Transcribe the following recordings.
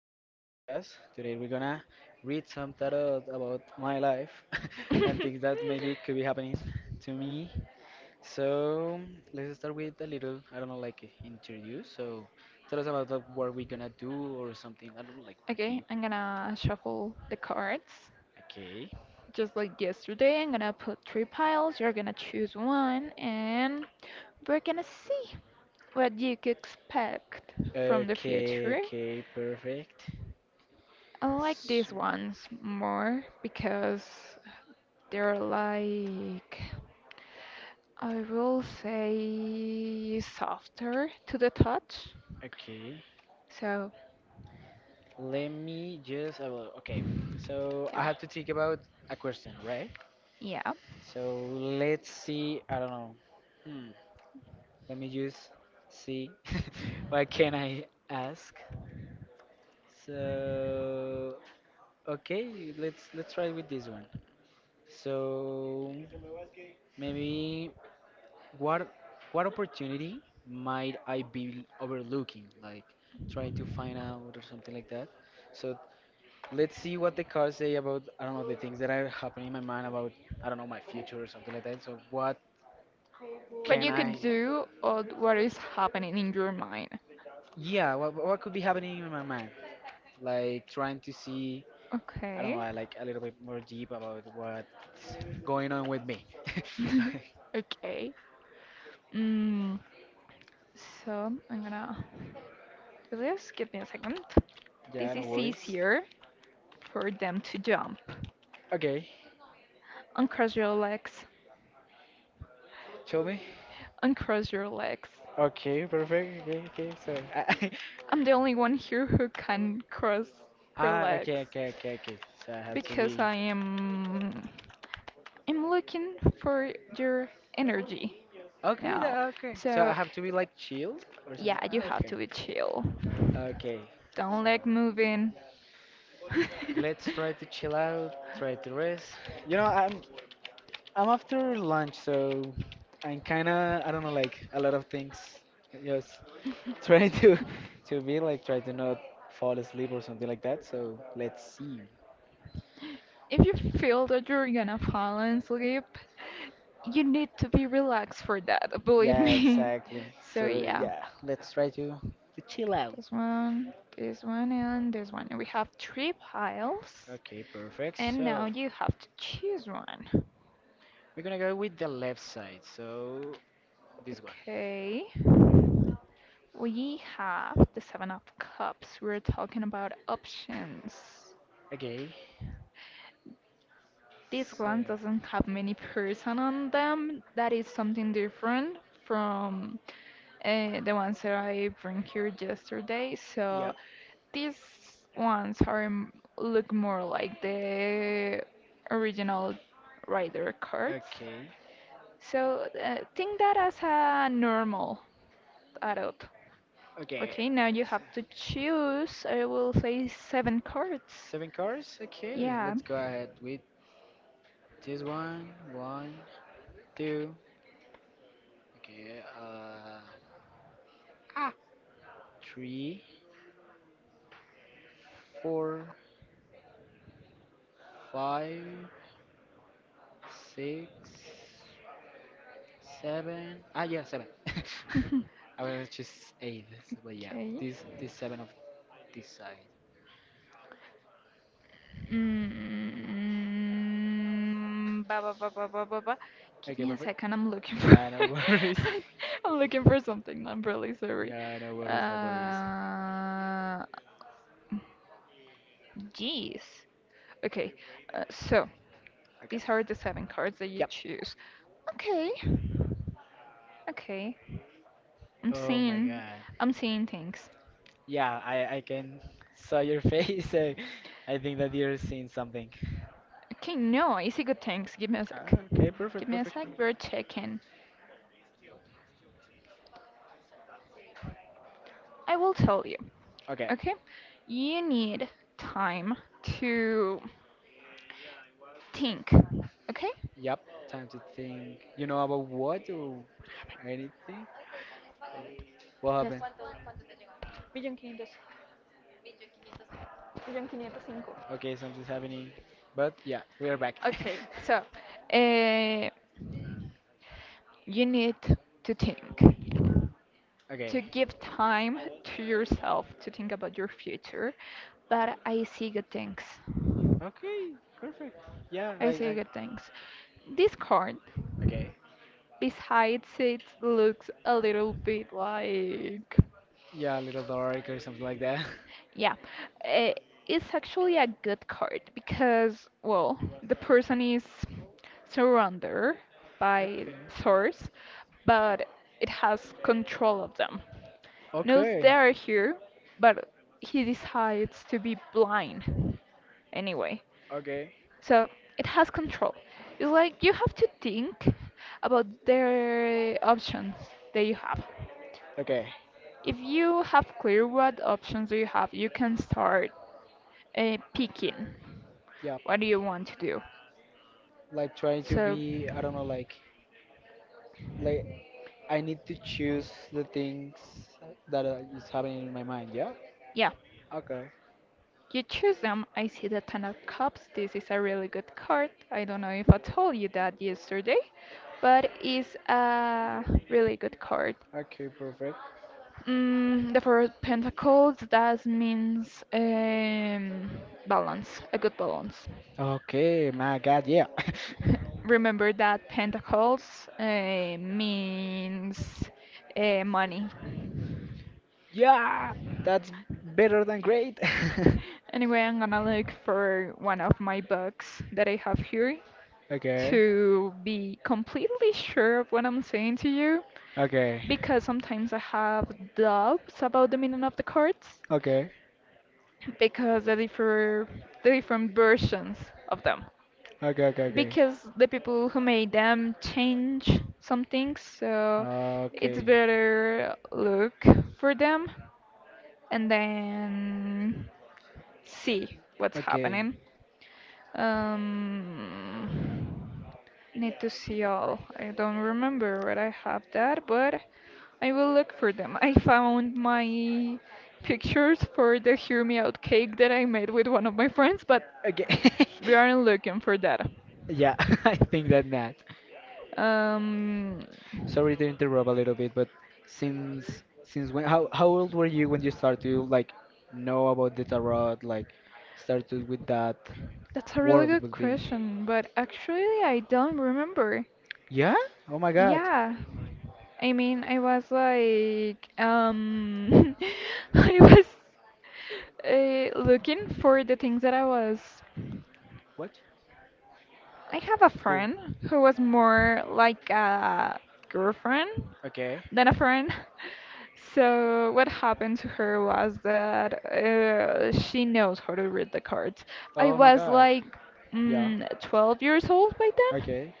of this podcast. Today we're gonna read some tarot about my life and things that maybe could be happening to me. So, let's start with a little, I don't know, like interview. So, tell us about like, what we're gonna do or something. I don't know, like more Okay, deep. I'm gonna shuffle the cards. Okay. Just like yesterday, I'm gonna put three piles. You're gonna choose one, and we're gonna see what you could expect from the Okay, future. okay, perfect. I like S- these ones more because they're like, I will say, softer to the touch. Okay. So, Let me just, I will- okay. So, I yeah. have to think about a question, right? Yeah. So let's see. I don't know. Hmm. Let me just see. What can I ask? So okay, let's try with this one. So maybe what what opportunity might I be overlooking? Like trying to find out or something like that. So let's see what the cards say about, I don't know, the things that are happening in my mind about, I don't know, my future or something like that. So what But can you I? could do all what is happening in your mind. Yeah, what could be happening in my mind? Like trying to see, I don't Okay. know, like a little bit more deep about what's going on with me. Okay. Mm, so I'm gonna do this. Give me a second. Yeah, This no is worries. easier for them to jump. Okay, Uncross your legs. tell me. Uncross your legs. Okay, perfect. Okay, okay. So, I- I'm the only one here who can cross her ah, okay, legs okay, okay, okay. So I have to because be I'm looking for your energy okay. now. tha- Okay, so I So have to be like chill or yeah, something. you Ah, have okay, to be chill. okay. Don't So like moving. let's try to chill out, try to rest. You know, I'm after lunch, so I'm kind of, I don't know, like a lot of things. Just trying to be like try to not fall asleep or something like that. So let's see. If you feel that you're gonna fall and sleep, you need to be relaxed for that, believe Yeah, me. exactly. So So yeah. yeah, let's try to chill out. This one, and this one. We have three piles, Okay, perfect. and now So you have to choose one. we're gonna go with the left side. So this one. Okay. We have the Seven of Cups. We're talking about options. Okay. This So one doesn't have many person on them. That is something different from the ones that I bring here yesterday. So yep. these ones are look more like the original Rider cards. Okay. So think that as a normal adult. Okay. Okay, now you So, have to choose. I will say seven cards. seven cars. Okay. Yeah. Let's go ahead with this one. One, two. Okay, three, four, five, six, seven. Ah, yeah, seven. I was just eight, so- but yeah, Okay. this seven of this side. Mm, ba, ba, ba, ba, ba, ba, ba. Give Okay, me a perfect. second. I'm looking for. Yeah, no worries. I'm looking for something. I'm really sorry. Yeah, no worries, no worries. Uh, jeez. Okay. So Okay. these are the seven cards that you Yep. choose. Okay. Okay. I'm Oh my seeing, God. I'm seeing things. Yeah, I can saw your face. I think that you're seeing something. Okay, no, I see good things. Give me a sec. Ah, okay, Give perfect, me a perfect, sec. We're perfect. checking. I will tell you. Okay. Okay, you need time to think. Okay. Yep, time to think. You know about what or anything? What Yes. happened? Okay, something's happening. But yeah, we are back. Okay. So, uh, you need to think, to okay. give time to yourself to think about your future, but I see good things. Okay, perfect. Yeah, I, I say I. good things. This card, Okay. besides it looks a little bit like. Yeah, a little dark or something like that. Yeah, eh, it's actually a good card because, well, the person is surrounded by okay. swords, but it has control of them. Knows they Okay. are here, but he decides to be blind anyway. Okay. So it has control. It's like you have to think about the options that you have. Okay. If you have clear what options do you have, you can start picking Yeah. what do you want to do. Like trying to So be, I don't know, like I need to choose the things that is happening in my mind. Yeah. yeah, Okay. you choose them. I see the Ten of Cups. This is a really good card. I don't know if I told you that yesterday, but it's a really good card. Okay. Perfect. The Four of Pentacles, that means balance, a good balance. Okay, my God, yeah. Remember that Pentacles means money. Yeah, that's better than great. Anyway, I'm gonna look for one of my books that I have here Okay, to be completely sure of what I'm saying to you, okay, because sometimes I have doubts about the meaning of the cards okay, because they differ the different versions of them. okay, okay, Because the people who made them change some things, so it's okay, better look for them and then see okay, what's okay, happening. Um, Need to see all. I don't remember where I have that, but I will look for them. I found my pictures for the Hear Me Out cake that I made with one of my friends, but okay. we aren't looking for that. Yeah, I think that not. Um, Sorry to interrupt a little bit, but since when? How old were you when you started to like know about the tarot? Like started with that that's a really world good would be. question, but actually, I don't remember. Yeah? Oh my God. Yeah. I mean, I was like, I was looking for the things that What? I have a Who? friend who was more like a girlfriend Okay. than a friend. So what happened to her was that she knows how to read the cards. I Oh my was God. like Yeah. 12 years old by then, Okay.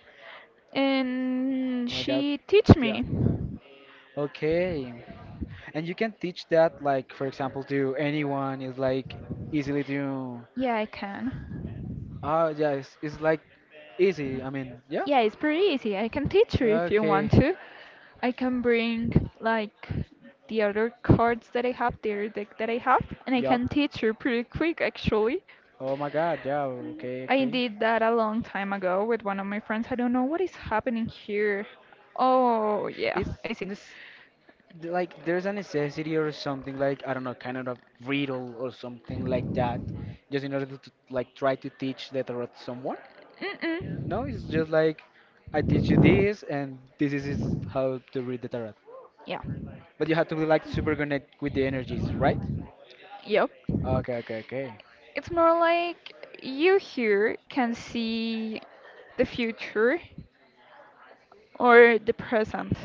and My God. she teach Yeah. me. Okay. And you can teach that, like, for example, to anyone. It's like easily to. Yeah, I can. Oh, yeah. It's like easy. I mean, yeah. Yeah, it's pretty easy. I can teach you if you want Okay. to. I can bring like the other cards that I have, the other deck that I have, and I Yup. can teach you pretty quick actually. Oh my God. Yeah. Okay. I Okay. did that a long time ago with one of my friends. I don't know what is happening here. Oh, yeah, It's I see. this like there's a necessity or something like, I don't know, kind of riddle or something like that, just in order to like try to teach the tarot to someone. No, Mm-mm. it's just like I teach you this, and this is how to read the tarot. Yeah, But you have to be like super connect with the energies, right? yep. Okay, okay, okay. It's more like you here can see the future or the present,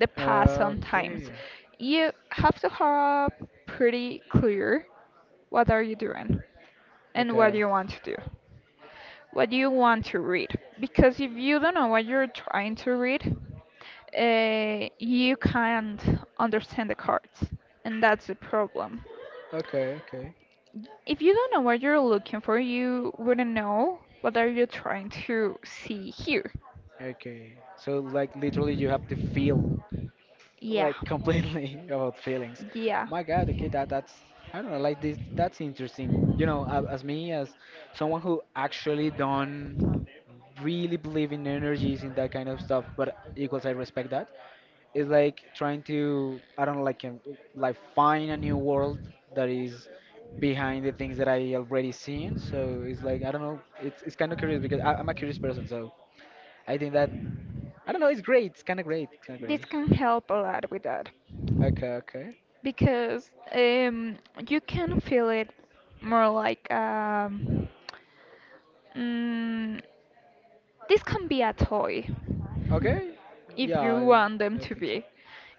the past sometimes. Okay, You have to have pretty clear what are you doing and what okay, you want to do, what you want to read. Because if you don't know what you're trying to read, you can't understand the cards, and that's the problem. okay, okay, If you don't know what you're looking for, you wouldn't know what are you trying to see here. okay. So like literally you have to feel Yeah, like completely about feelings. yeah. My God, okay, that that's I don't know, like this that's interesting. You know, a- as me as someone who actually don't really believe in energies and that kind of stuff, but equals I respect that. It's like trying to, I don't know, like find a new world that is behind the things that I already seen. So it's like I don't know. It's kind of curious because I'm a curious person. So I think that I don't know. It's great. It's kind of great. It's kind of great. This can help a lot with that. Okay. Okay. Because you can feel it more like mm, this can be a toy Okay. if Yeah. I, you want them I to think so. be.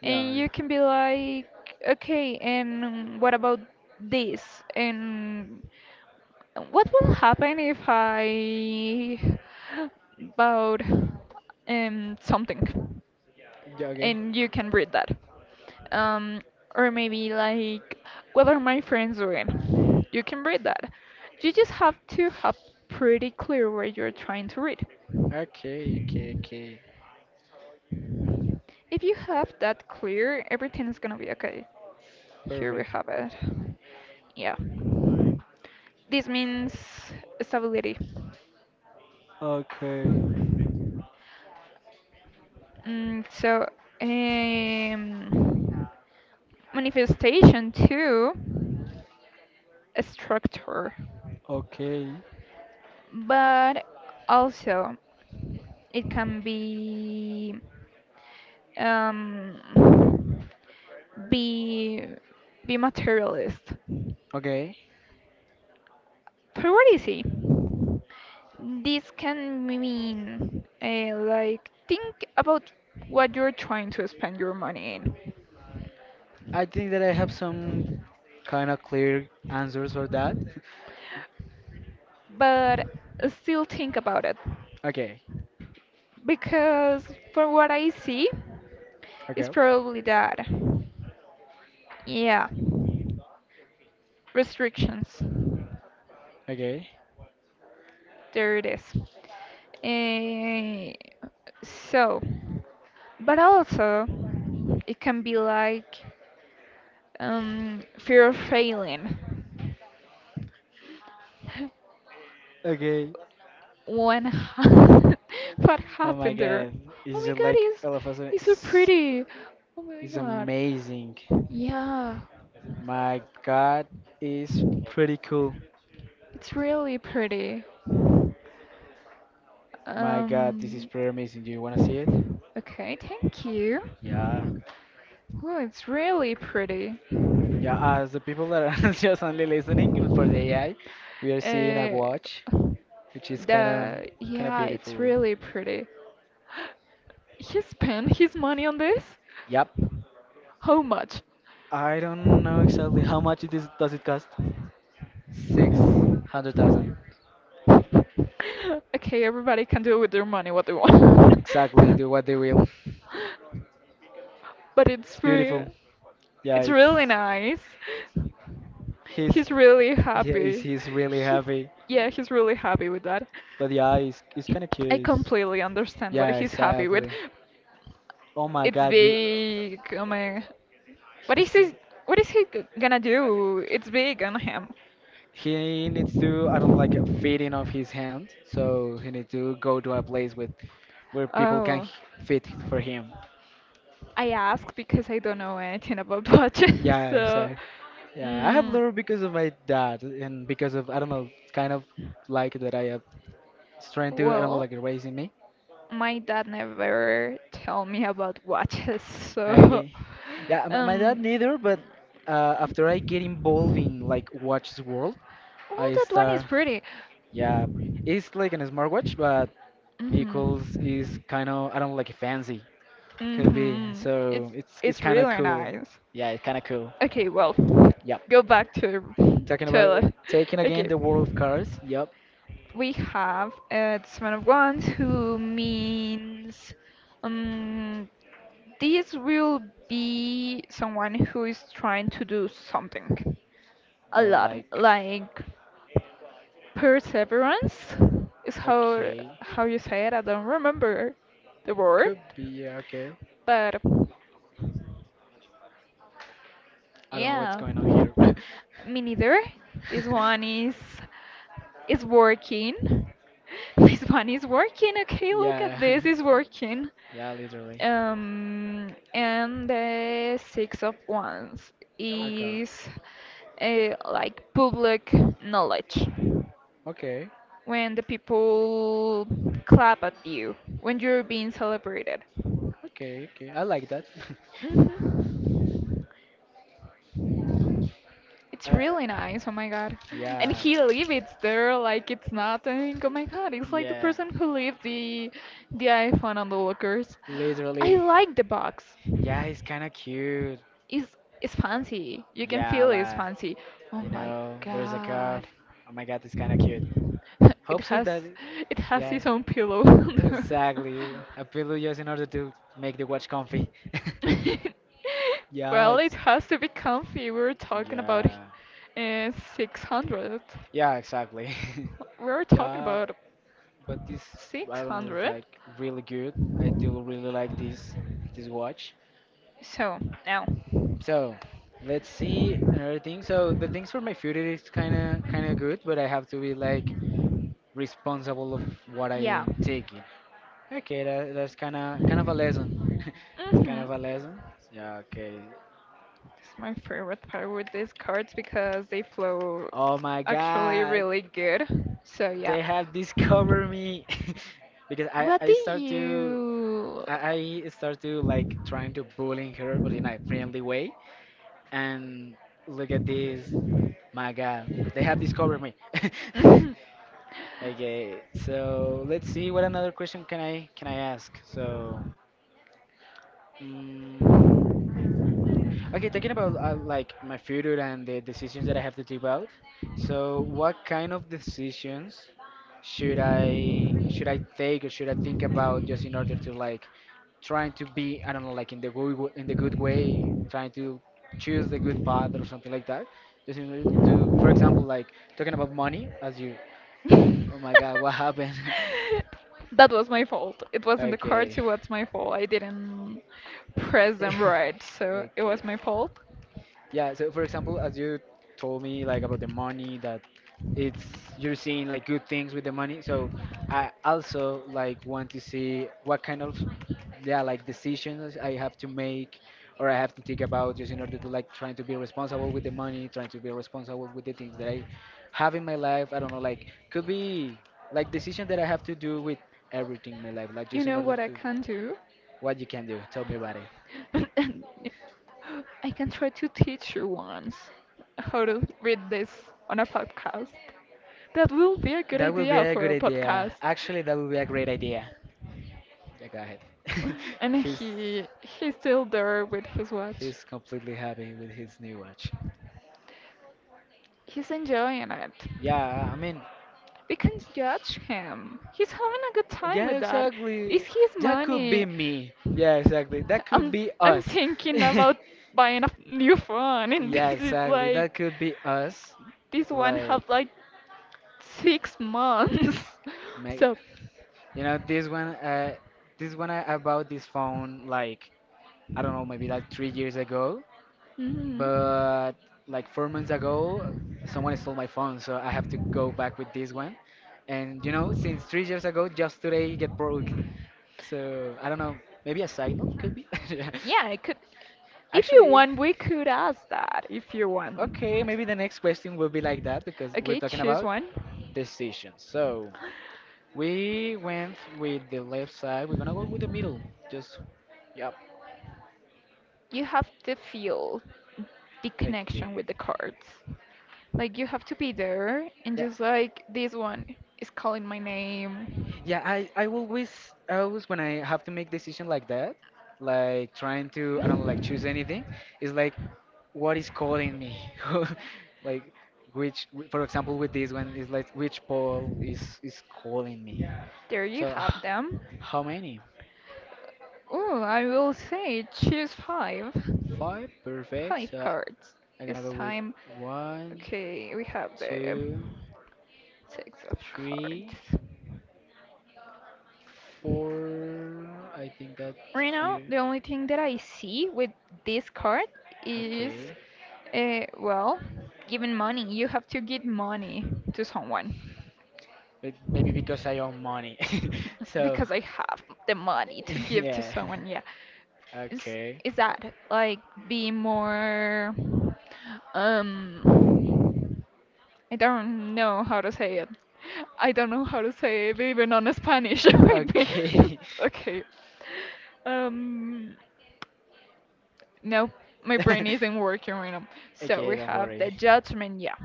Yeah. And I- you can be like, okay, and what about this? And what will happen if I bought something? Yeah. Okay. And you can read that. Um, or maybe like, what are my friends doing? You can read that. You just have to have pretty clear what you're trying to read. Okay. Okay. Okay. If you have that clear, everything is gonna be okay. Here we Perfect. have it. Yeah. This means stability. Okay. So, um, manifestation too, a structure. Okay. But also it can be um, be be materialist. Okay. For Priority. This can mean like think about what you're trying to spend your money in, I think that I have some kind of clear answers for that. but still think about it Okay. because from what I see, it's Okay. probably that. Yeah. Restrictions. Okay. There it is. Eh, so, but also, it can be like fear of failing. Okay. When ha- what Oh my happened there? god. Oh It's my just god, like it's all of us it's so pretty. Oh my is god. amazing. Yeah, My god is pretty cool. it's really pretty. My god, this is Um, pretty amazing. Do you wanna see it? okay, thank you. Yeah. Oh, it's really pretty. Yeah, as the people that are just only listening and for the AI, we are seeing a Uh, watch, which is kinda the kinda yeah, beautiful. it's really pretty. He spent his money on this? Yep. How much? I don't know exactly how much it is does it cost? 600,000. Okay, everybody can do with their money what they want. Exactly, do what they will. But it's It's free. beautiful. Yeah, It's it's really nice. his He's really Yeah, he's, happy. he's really He, heavy, yeah, he's really happy with that. But yeah, he's kind of I curious. completely understand what Yeah, he's happy with. exactly. Oh my It's God, you, big. Oh my. What is he's, he? What is he gonna do? It's big on him. he needs to, I don't like, feeding of his hand. So he needs to go to a place with where people can Oh, h- feed for him. I ask because I don't know anything about watches. Yeah, So, exactly. Yeah, I have mm, learned because of my dad and because of, I don't know, kind of like that I have trying to, I don't know, well, like raising me. my dad never tell me about watches. So, Okay. Yeah, my dad um, neither, but after I get involved in like Watches World, oh, I that one is start. pretty. Yeah, it's like an smartwatch, but equals is Mhm. kind of, I don't know, like fancy could be. Mm-hmm. It's So it's it's kind of really cool. nice. Yeah, it's kind of cool. Okay, well, Yep. go back to Talking about Toilet. taking again Okay. the world of cars. Yep. We have this Man of Wands who means um this will be someone who is trying to do something a But lot like, like perseverance is how okay, how you say it. I don't remember the word, could be yeah, okay. but I don't know what's yeah, going on here. me neither. This one is is working. This one is working. Okay, look at yeah, this. It's working. yeah, literally. Um, and the Six of Wands Okay, is like public knowledge. okay, When the people clap at you when you're being celebrated. okay, okay. I like that. hmm It's uh, really nice, oh my god. And yeah, he leave it there like it's nothing. Oh my god, it's like the yeah, person who leave the iPhone on the lockers. I literally. like the box. Yeah, he's kind of cute. It's it's fancy. You can Yeah, feel it's like, fancy. Oh you my know, there's a curve. god. Oh my god, it's kind of cute. It Hope so has that, it has yeah, its own pillow. exactly. A pillow just in order to make the watch comfy. yeah, Well, it it's. has to be comfy. We were talking about Yeah, uh, 600. yeah, exactly. We were talking yeah, about but this, I don't know, it's 600. like really good. I do really like this watch. So, now. So let's see another thing. So the things for my future is kind of good, but I have to be like responsible of what I Yeah. am taking. Okay, that, that's kind of a lesson. it's kind Mm-hmm. of a lesson. Yeah. Okay. It's my favorite part with these cards because they flow Oh my actually God, really good. So yeah. they have discovered me because I What I do start to. you? I start to like trying to bullying her, but in a friendly way. And look at this, my God, they have discovered me. Mhm. Okay, so let's see what another question can I ask? So, mm okay, talking about like my future and the decisions that I have to take out. So, what kind of decisions should I take or should I think about just in order to like trying to be, I don't know, like in the good w- in the good way, trying to choose the good path or something like that. Just in order to, for example, like talking about money, as you, oh my God, what happened? That was my fault. It wasn't the cards, Okay. it was my fault. I didn't press them right, so it Okay. was my fault. Yeah, so for example, as you told me like about the money that it's you're seeing like good things with the money. So I also like want to see what kind of yeah, like decisions I have to make or I have to think about just in order to like trying to be responsible with the money, trying to be responsible with the things that I have in my life. I don't know, like could be like decisions that I have to do with everything in my life, like You just in know order what I to can do? what you can do. Tell me about I can try to teach you once how to read this on a podcast. That will be a good That would be idea a for good a idea. podcast. Actually, that would be a great idea. Yeah, go ahead. And he's he's still there with his watch. he's completely happy with his new watch. He's enjoying it. Yeah, I mean, We can judge him. He's having a good time yeah, with that. It's exactly. his That could be money. me. Yeah, exactly. That could I'm be I'm us. thinking about buying a new phone, and yeah, this is exactly. That like could be us. this one Like, have like 6 months. make So, you know this one. This one I bought this phone like I don't know, maybe like 3 years ago. mhm. But like 4 months ago someone stole my phone so I have to go back with this one and you know since 3 years ago just today it get broke so I don't know maybe a signal could be Yeah. Yeah, it could. If you actually want, we could ask that if you okay want. maybe the next question will be like that because we're Okay, talking choose about one. decisions so we went with the left side we're gonna go with the middle just yep You have to feel the connection okay with the cards. Like you have to be there and Yeah. just like this one is calling my name. Yeah, I always I always when I have to make decision like that, like trying to I don't know, like choose anything, it's like what is calling me, like which for example with this one is like which Paul is calling me. There you So have them. how many? Oh, I will say choose five. Five, perfect. Five So cards. I'm This gonna go with time, one, okay, we have the two, Six of three, Cards. four. I think that Right now, here. the only thing that I see with this card is, Okay, well, giving money. You have to give money to someone. but maybe because I own money, so. Because I have the money to give to Yeah. someone, yeah. Is Okay. is that like be more um I don't know how to say it. I don't know how to say it even on Spanish. Wait, wait. Okay. Okay. Um Nope, my brain isn't working right now. So we okay, don't have the worry. judgment, yeah.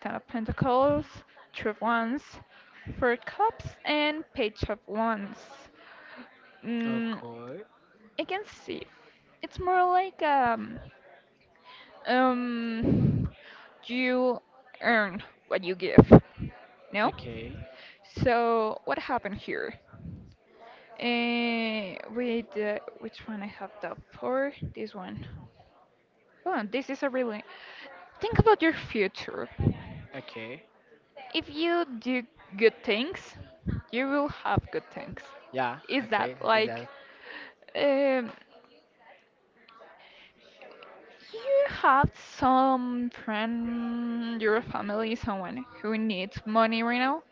Ten of Pentacles, Two of Wands, Four Cups, and Page of Wands. Mm, Okay. I can see. It's more like um, you earn what you give. No? Okay. So what happened here? With which one I have the four? This one. Go on, this is a really. Think about your future. Okay. If you do good things, you will have good things. Yeah, Is that okay. Is like. that Um, you have some friend, your family, someone who needs money right now.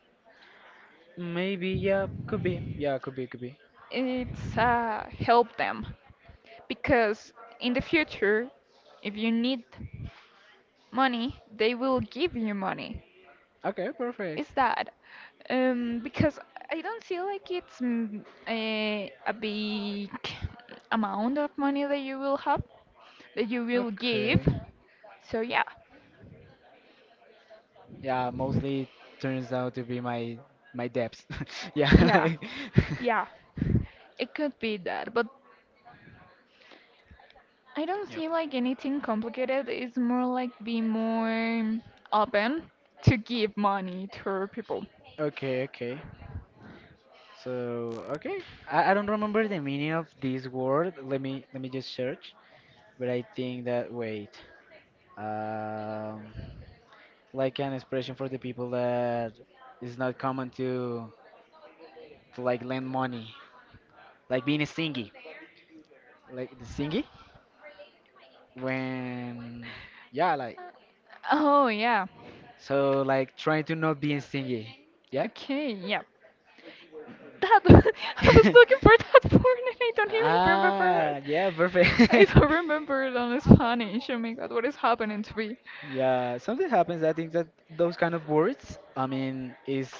maybe yeah, could be. Yeah, could be, could be. It's help them because in the future, if you need money, they will give you money. Okay, perfect. Is that because I don't see like it's a big amount of money that you will have that you will give. Okay. So yeah, Yeah, mostly turns out to be my debts. Yeah, yeah, like yeah, it could be that, but I don't Yep. see like anything complicated. It's more like be more open to give money to people. Okay, okay. So okay, I don't remember the meaning of this word. Let me just search. But I think that wait, um, like an expression for the people that is not common to like lend money, like being a stingy, like the stingy when yeah, like Uh, Oh yeah, so like trying to not be stingy. Yeah. okay, yeah. That I was looking for that word and I don't even remember it. Ah, yeah, I perfect. don't remember it on Spanish. Oh my God, what is happening to me? Yeah, something happens. I think that those kind of words, I mean, is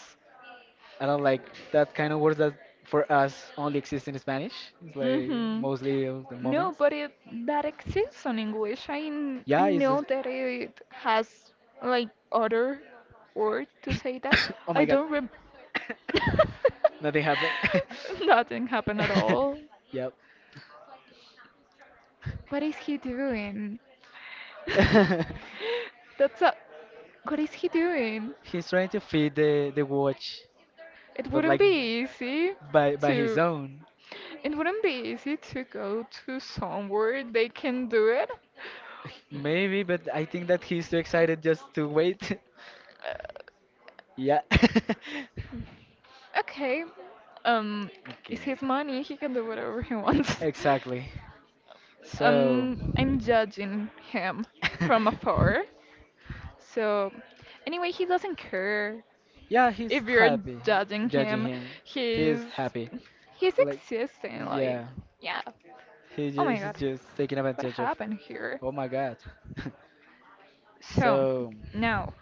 I don't like that kind of words that for us only exist in Spanish. It's like Mm-hmm. mostly of the No, moments. but it that exists on English. I Yeah, it's know just, that it has like other word to say that. oh I my God, don't rem. nothing happened. Nothing happened at all. Yep. What is he doing? That's a. What is he doing? He's trying to feed the watch, It but wouldn't like be easy by his to own. it wouldn't be easy to go to somewhere they can do it. Maybe, but I think that he's too excited just to wait. Uh, Yeah. okay. Um it's Okay. his money, he can do whatever he wants. Exactly. So, I'm judging him from afar. So anyway, he doesn't care yeah, he's if you're happy. judging Judging him. him, he's He's happy. he's Like, existing like yeah, yeah. he Oh my just, he's god. just taking What advantage of. happened here? Oh my God. So, so, now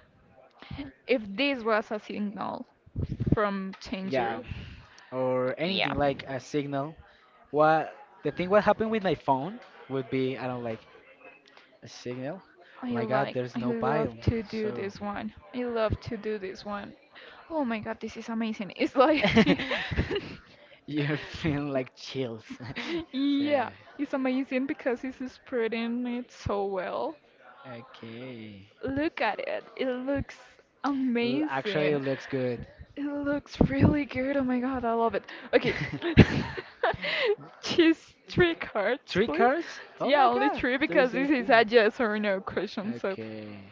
if this was a signal from yeah, Changer, or yeah. anything like a signal. What the thing? What happened with my phone would be I don't like a signal. Oh my God, there's I no pile. love to do So. this one. I love to do this one. Oh my god, this is amazing. It's like, You're feeling like chills. Yeah. yeah, it's amazing because it's spreading it so well. Okay. Look at it, it looks L- Actually, it amazing. looks good. It looks really good. Oh my god, I love it. Okay. Choose three cards, Three please. cars? Oh Yeah, my only god, three there is because so this is few. a yes or no question. So Okay.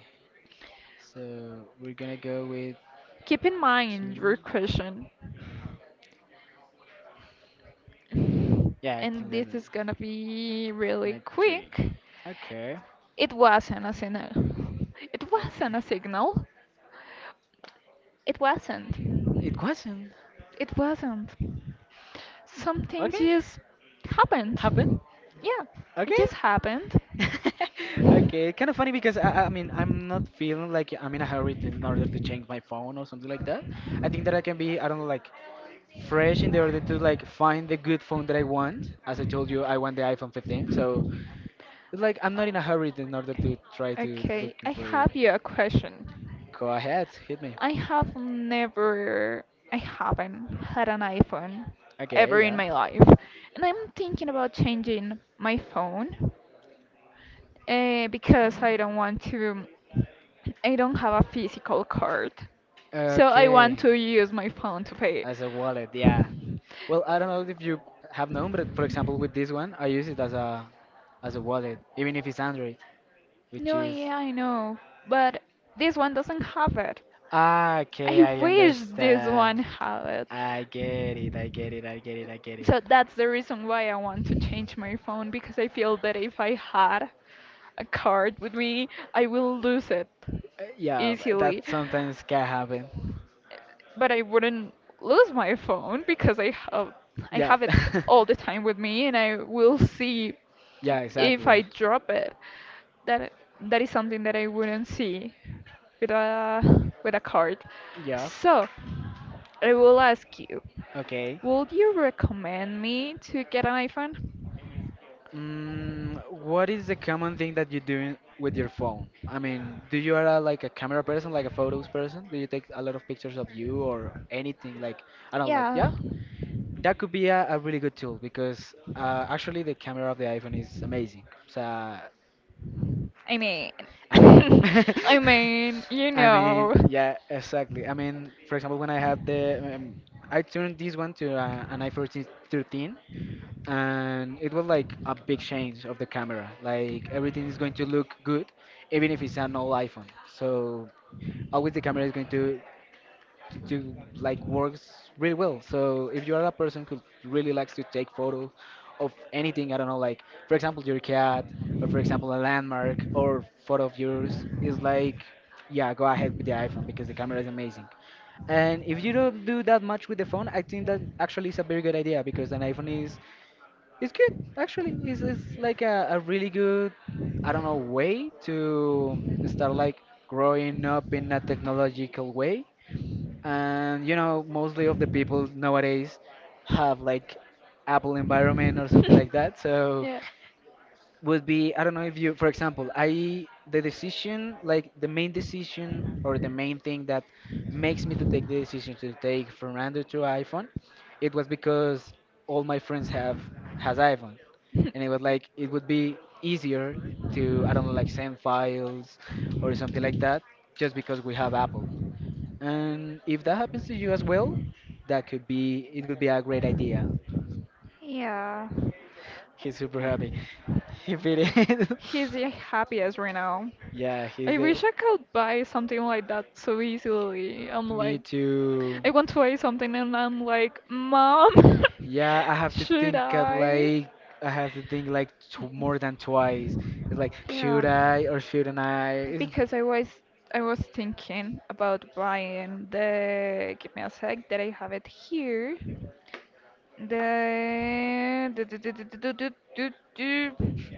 So we're gonna go with keep in mind your two. question. Yeah, I And think that's this it. is gonna be really My three. quick. Okay. It wasn't a signal. It wasn't a Okay. signal. It wasn't. It wasn't. It wasn't. Something Okay. just Happened. happened. Yeah, it Okay. just happened. Okay, kind of funny because I mean I'm not feeling like I'm in a hurry to, in order to change my phone or something like that. I think that I can be I don't know like fresh in the order to like find the good phone that I want. As I told you, I want the iPhone 15, so it's like I'm not in a hurry in order to try to Okay, I looking for it. have you a question. Go ahead, hit me. I have never, I haven't had an iPhone Okay, ever in yeah. my life, and I'm thinking about changing my phone because I don't have a physical card, so I want Okay, to use my phone to pay. as a wallet, yeah. Well, I don't know if you have known, but for example, with this one, I use it as a wallet, even if it's Android, which No, is yeah, I know, but this one doesn't have it. Ah, okay, I I wish this one understand. had it. I get it, I get it, I get it, I get it. So that's the reason why I want to change my phone because I feel that if I had a card with me, I will lose it Yeah, easily that sometimes can happen. but I wouldn't lose my phone because I Yeah. have it all the time with me and I will see Yeah, if I exactly. drop it. That that is something that I wouldn't see with a with a card. Yeah. So, I will ask you, Okay. would you recommend me to get an iPhone? Mm, what is the common thing that you do with your phone? I mean, do you are a, like a camera person, like a photos person? Do you take a lot of pictures of you or anything? Like, I don't like, Yeah. yeah, that could be a really good tool because actually the camera of the iPhone is amazing. So, I I mean, mean, I mean, you I know. mean, yeah, exactly. I mean, for example, when I had the, I turned this one to an iPhone 13, and it was like a big change of the camera. Like everything is going to look good, even if it's an old iPhone. So always the camera is going to like works really well. So if you are a person who really likes to take photos of anything, I don't know, like for example your cat, or for example a landmark, or photo of yours, is like, yeah, go ahead with the iPhone because the camera is amazing. And if you don't do that much with the phone, I think that actually is a very good idea because an iPhone is it's good actually. It's like a really good I don't know way to start like growing up in a technological way, and you know mostly of the people nowadays have like apple environment or something like that, so yeah. would be I don't know if you for example I the decision like the main decision or the main thing that makes me to take the decision to take from Android to iPhone, it was because all my friends have has iPhone, and it was like it would be easier to I don't know like send files or something like that just because we have apple. And if that happens to you as well, that could be it could be a great idea. Yeah. He's super happy. If it is, He's the happiest right now. yeah, I he's a, wish I could buy something like that so easily. I'm me like, too. I want to buy something and I'm like, Mom, Yeah, I have to should think of I? like I have to think like t more than twice. It's like Yeah, should I or shouldn't I? It's- because I was thinking about buying the give me a sec that I have it here. The, the-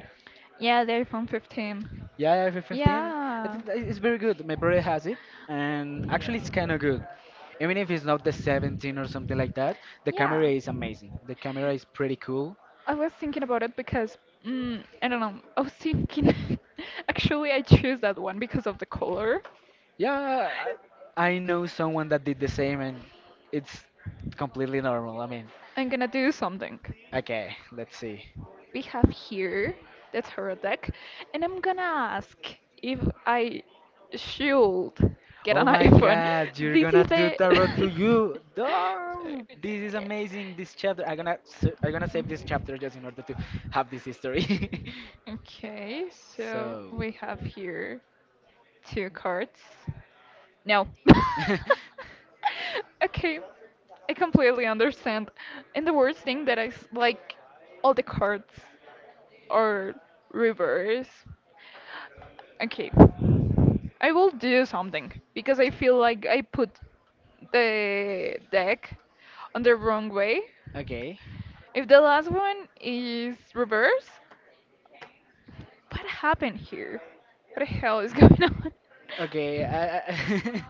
yeah, the iPhone 15. yeah, for 15, I Yeah. think that it's very good. My brother has it, and actually it's kind of good. Even if it's not the 17 or something like that, the camera Yeah. is amazing. The camera is pretty cool. I was thinking about it because I don't know. I was thinking. Actually, I choose that one because of the color. Yeah, I know someone that did the same, and it's completely normal. I mean, I'm gonna do something. okay, let's see. We have here the tarot deck, and I'm gonna ask if I should get Oh an my iPhone. God, you're This gonna is the. do tarot to you. No, this is amazing. This chapter, I'm gonna, sa- I'm gonna save this chapter just in order to have this history. Okay, so So, we have here two cards. No. Okay, I completely understand. And the worst thing that like all the cards or reverse. Okay. I will do something because I feel like I put the deck on the wrong way. okay, If the last one is reverse, what happened here? What the hell is going on? okay. I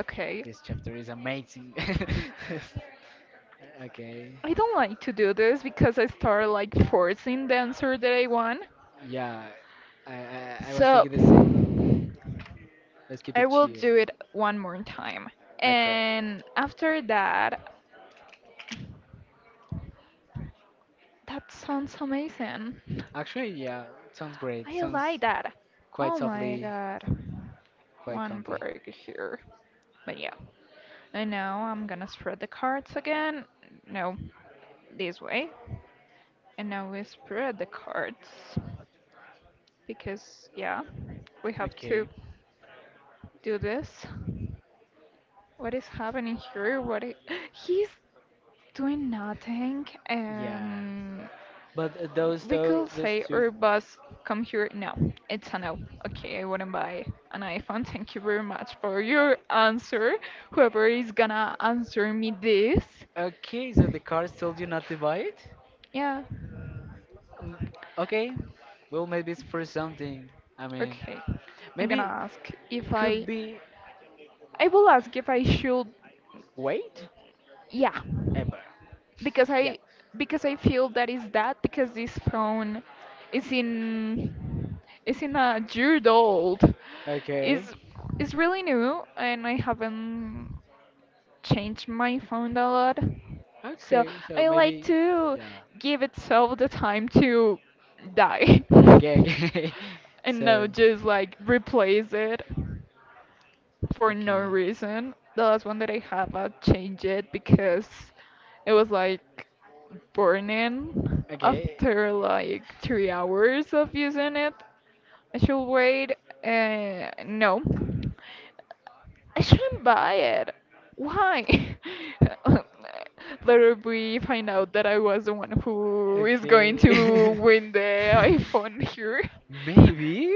Okay. this chapter is amazing. Okay, I don't like to do this because I start like forcing the answer that I want. yeah, I was So thinking the same. Let's keep I it will chill. do it one more time. Okay. And after that, that sounds amazing. Actually, yeah, sounds great. I Sounds like that. quite Oh my softly, god. quite One comfy. break here. But yeah. And now I'm gonna spread the cards again. No, this way. And now we spread the cards. Because, yeah, we have to Okay. do this. What is happening here? What is... he's doing nothing. Yeah. But those We though, could those say two. our boss come here. No, it's a no. Okay, I wouldn't buy an iPhone. Thank you very much for your answer. Whoever is gonna answer me this, Okay, so the cards told you not to buy it? yeah, Um, okay. Well, maybe it's for something. I mean, okay. I'm gonna maybe ask if I, could be I will ask if I should, weight? yeah, Ever. because Yeah. I because I feel that is that because this phone is in it's in a year old. Okay. It's it's really new, and I haven't changed my phone a lot. So Okay, so I like maybe. to Yeah. give itself the time to die, Okay, okay. and so. not just like replace it for no Okay. reason. The last one that I have, I changed it because it was like burning Okay. after like 3 hours of using it. I should wait. No. I shouldn't buy it. Why? Later we find out that I was the one who is going Okay. to win the iPhone here. Maybe,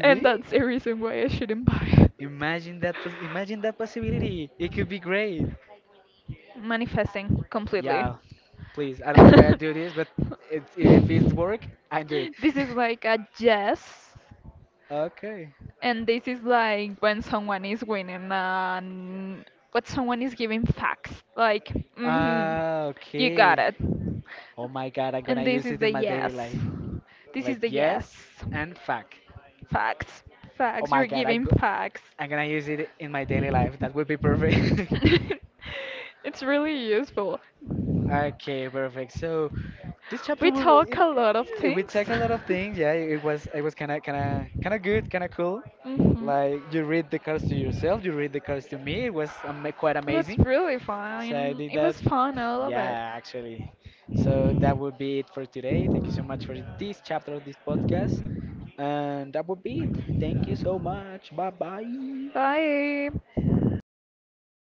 And that's the reason why I shouldn't buy it. Imagine that. Pos- imagine that possibility. It could be great. Manifesting Yeah. completely. Please. I don't know why I do this, but it's, if it's work, I do it. This is like a yes. okay. And this is like when someone is winning and what someone is giving facts. Like, mm-hmm, Ah, you got okay. it. Oh my god, I'm gonna And this use is it the in my daily yes. life. This Like is the yes. yes and fuck. Facts. Oh Facts. my You're god, I giving go facts. I'm gonna use it in my daily life. That would be perfect. It's really useful. Okay, perfect. So this chapter We will talk it, a lot of it- we check things. a lot of things. Yeah, it was kind of kind of good, kind of cool. hmm Like you read the cards to yourself, you read the cards to me. It was ama quite It was amazing. really So I fun. did It that. was fun, all of it. Yeah, actually. So that would be it for today. Thank you so much for this chapter of this podcast. And that would be it. Thank you so much. Bye bye. Bye.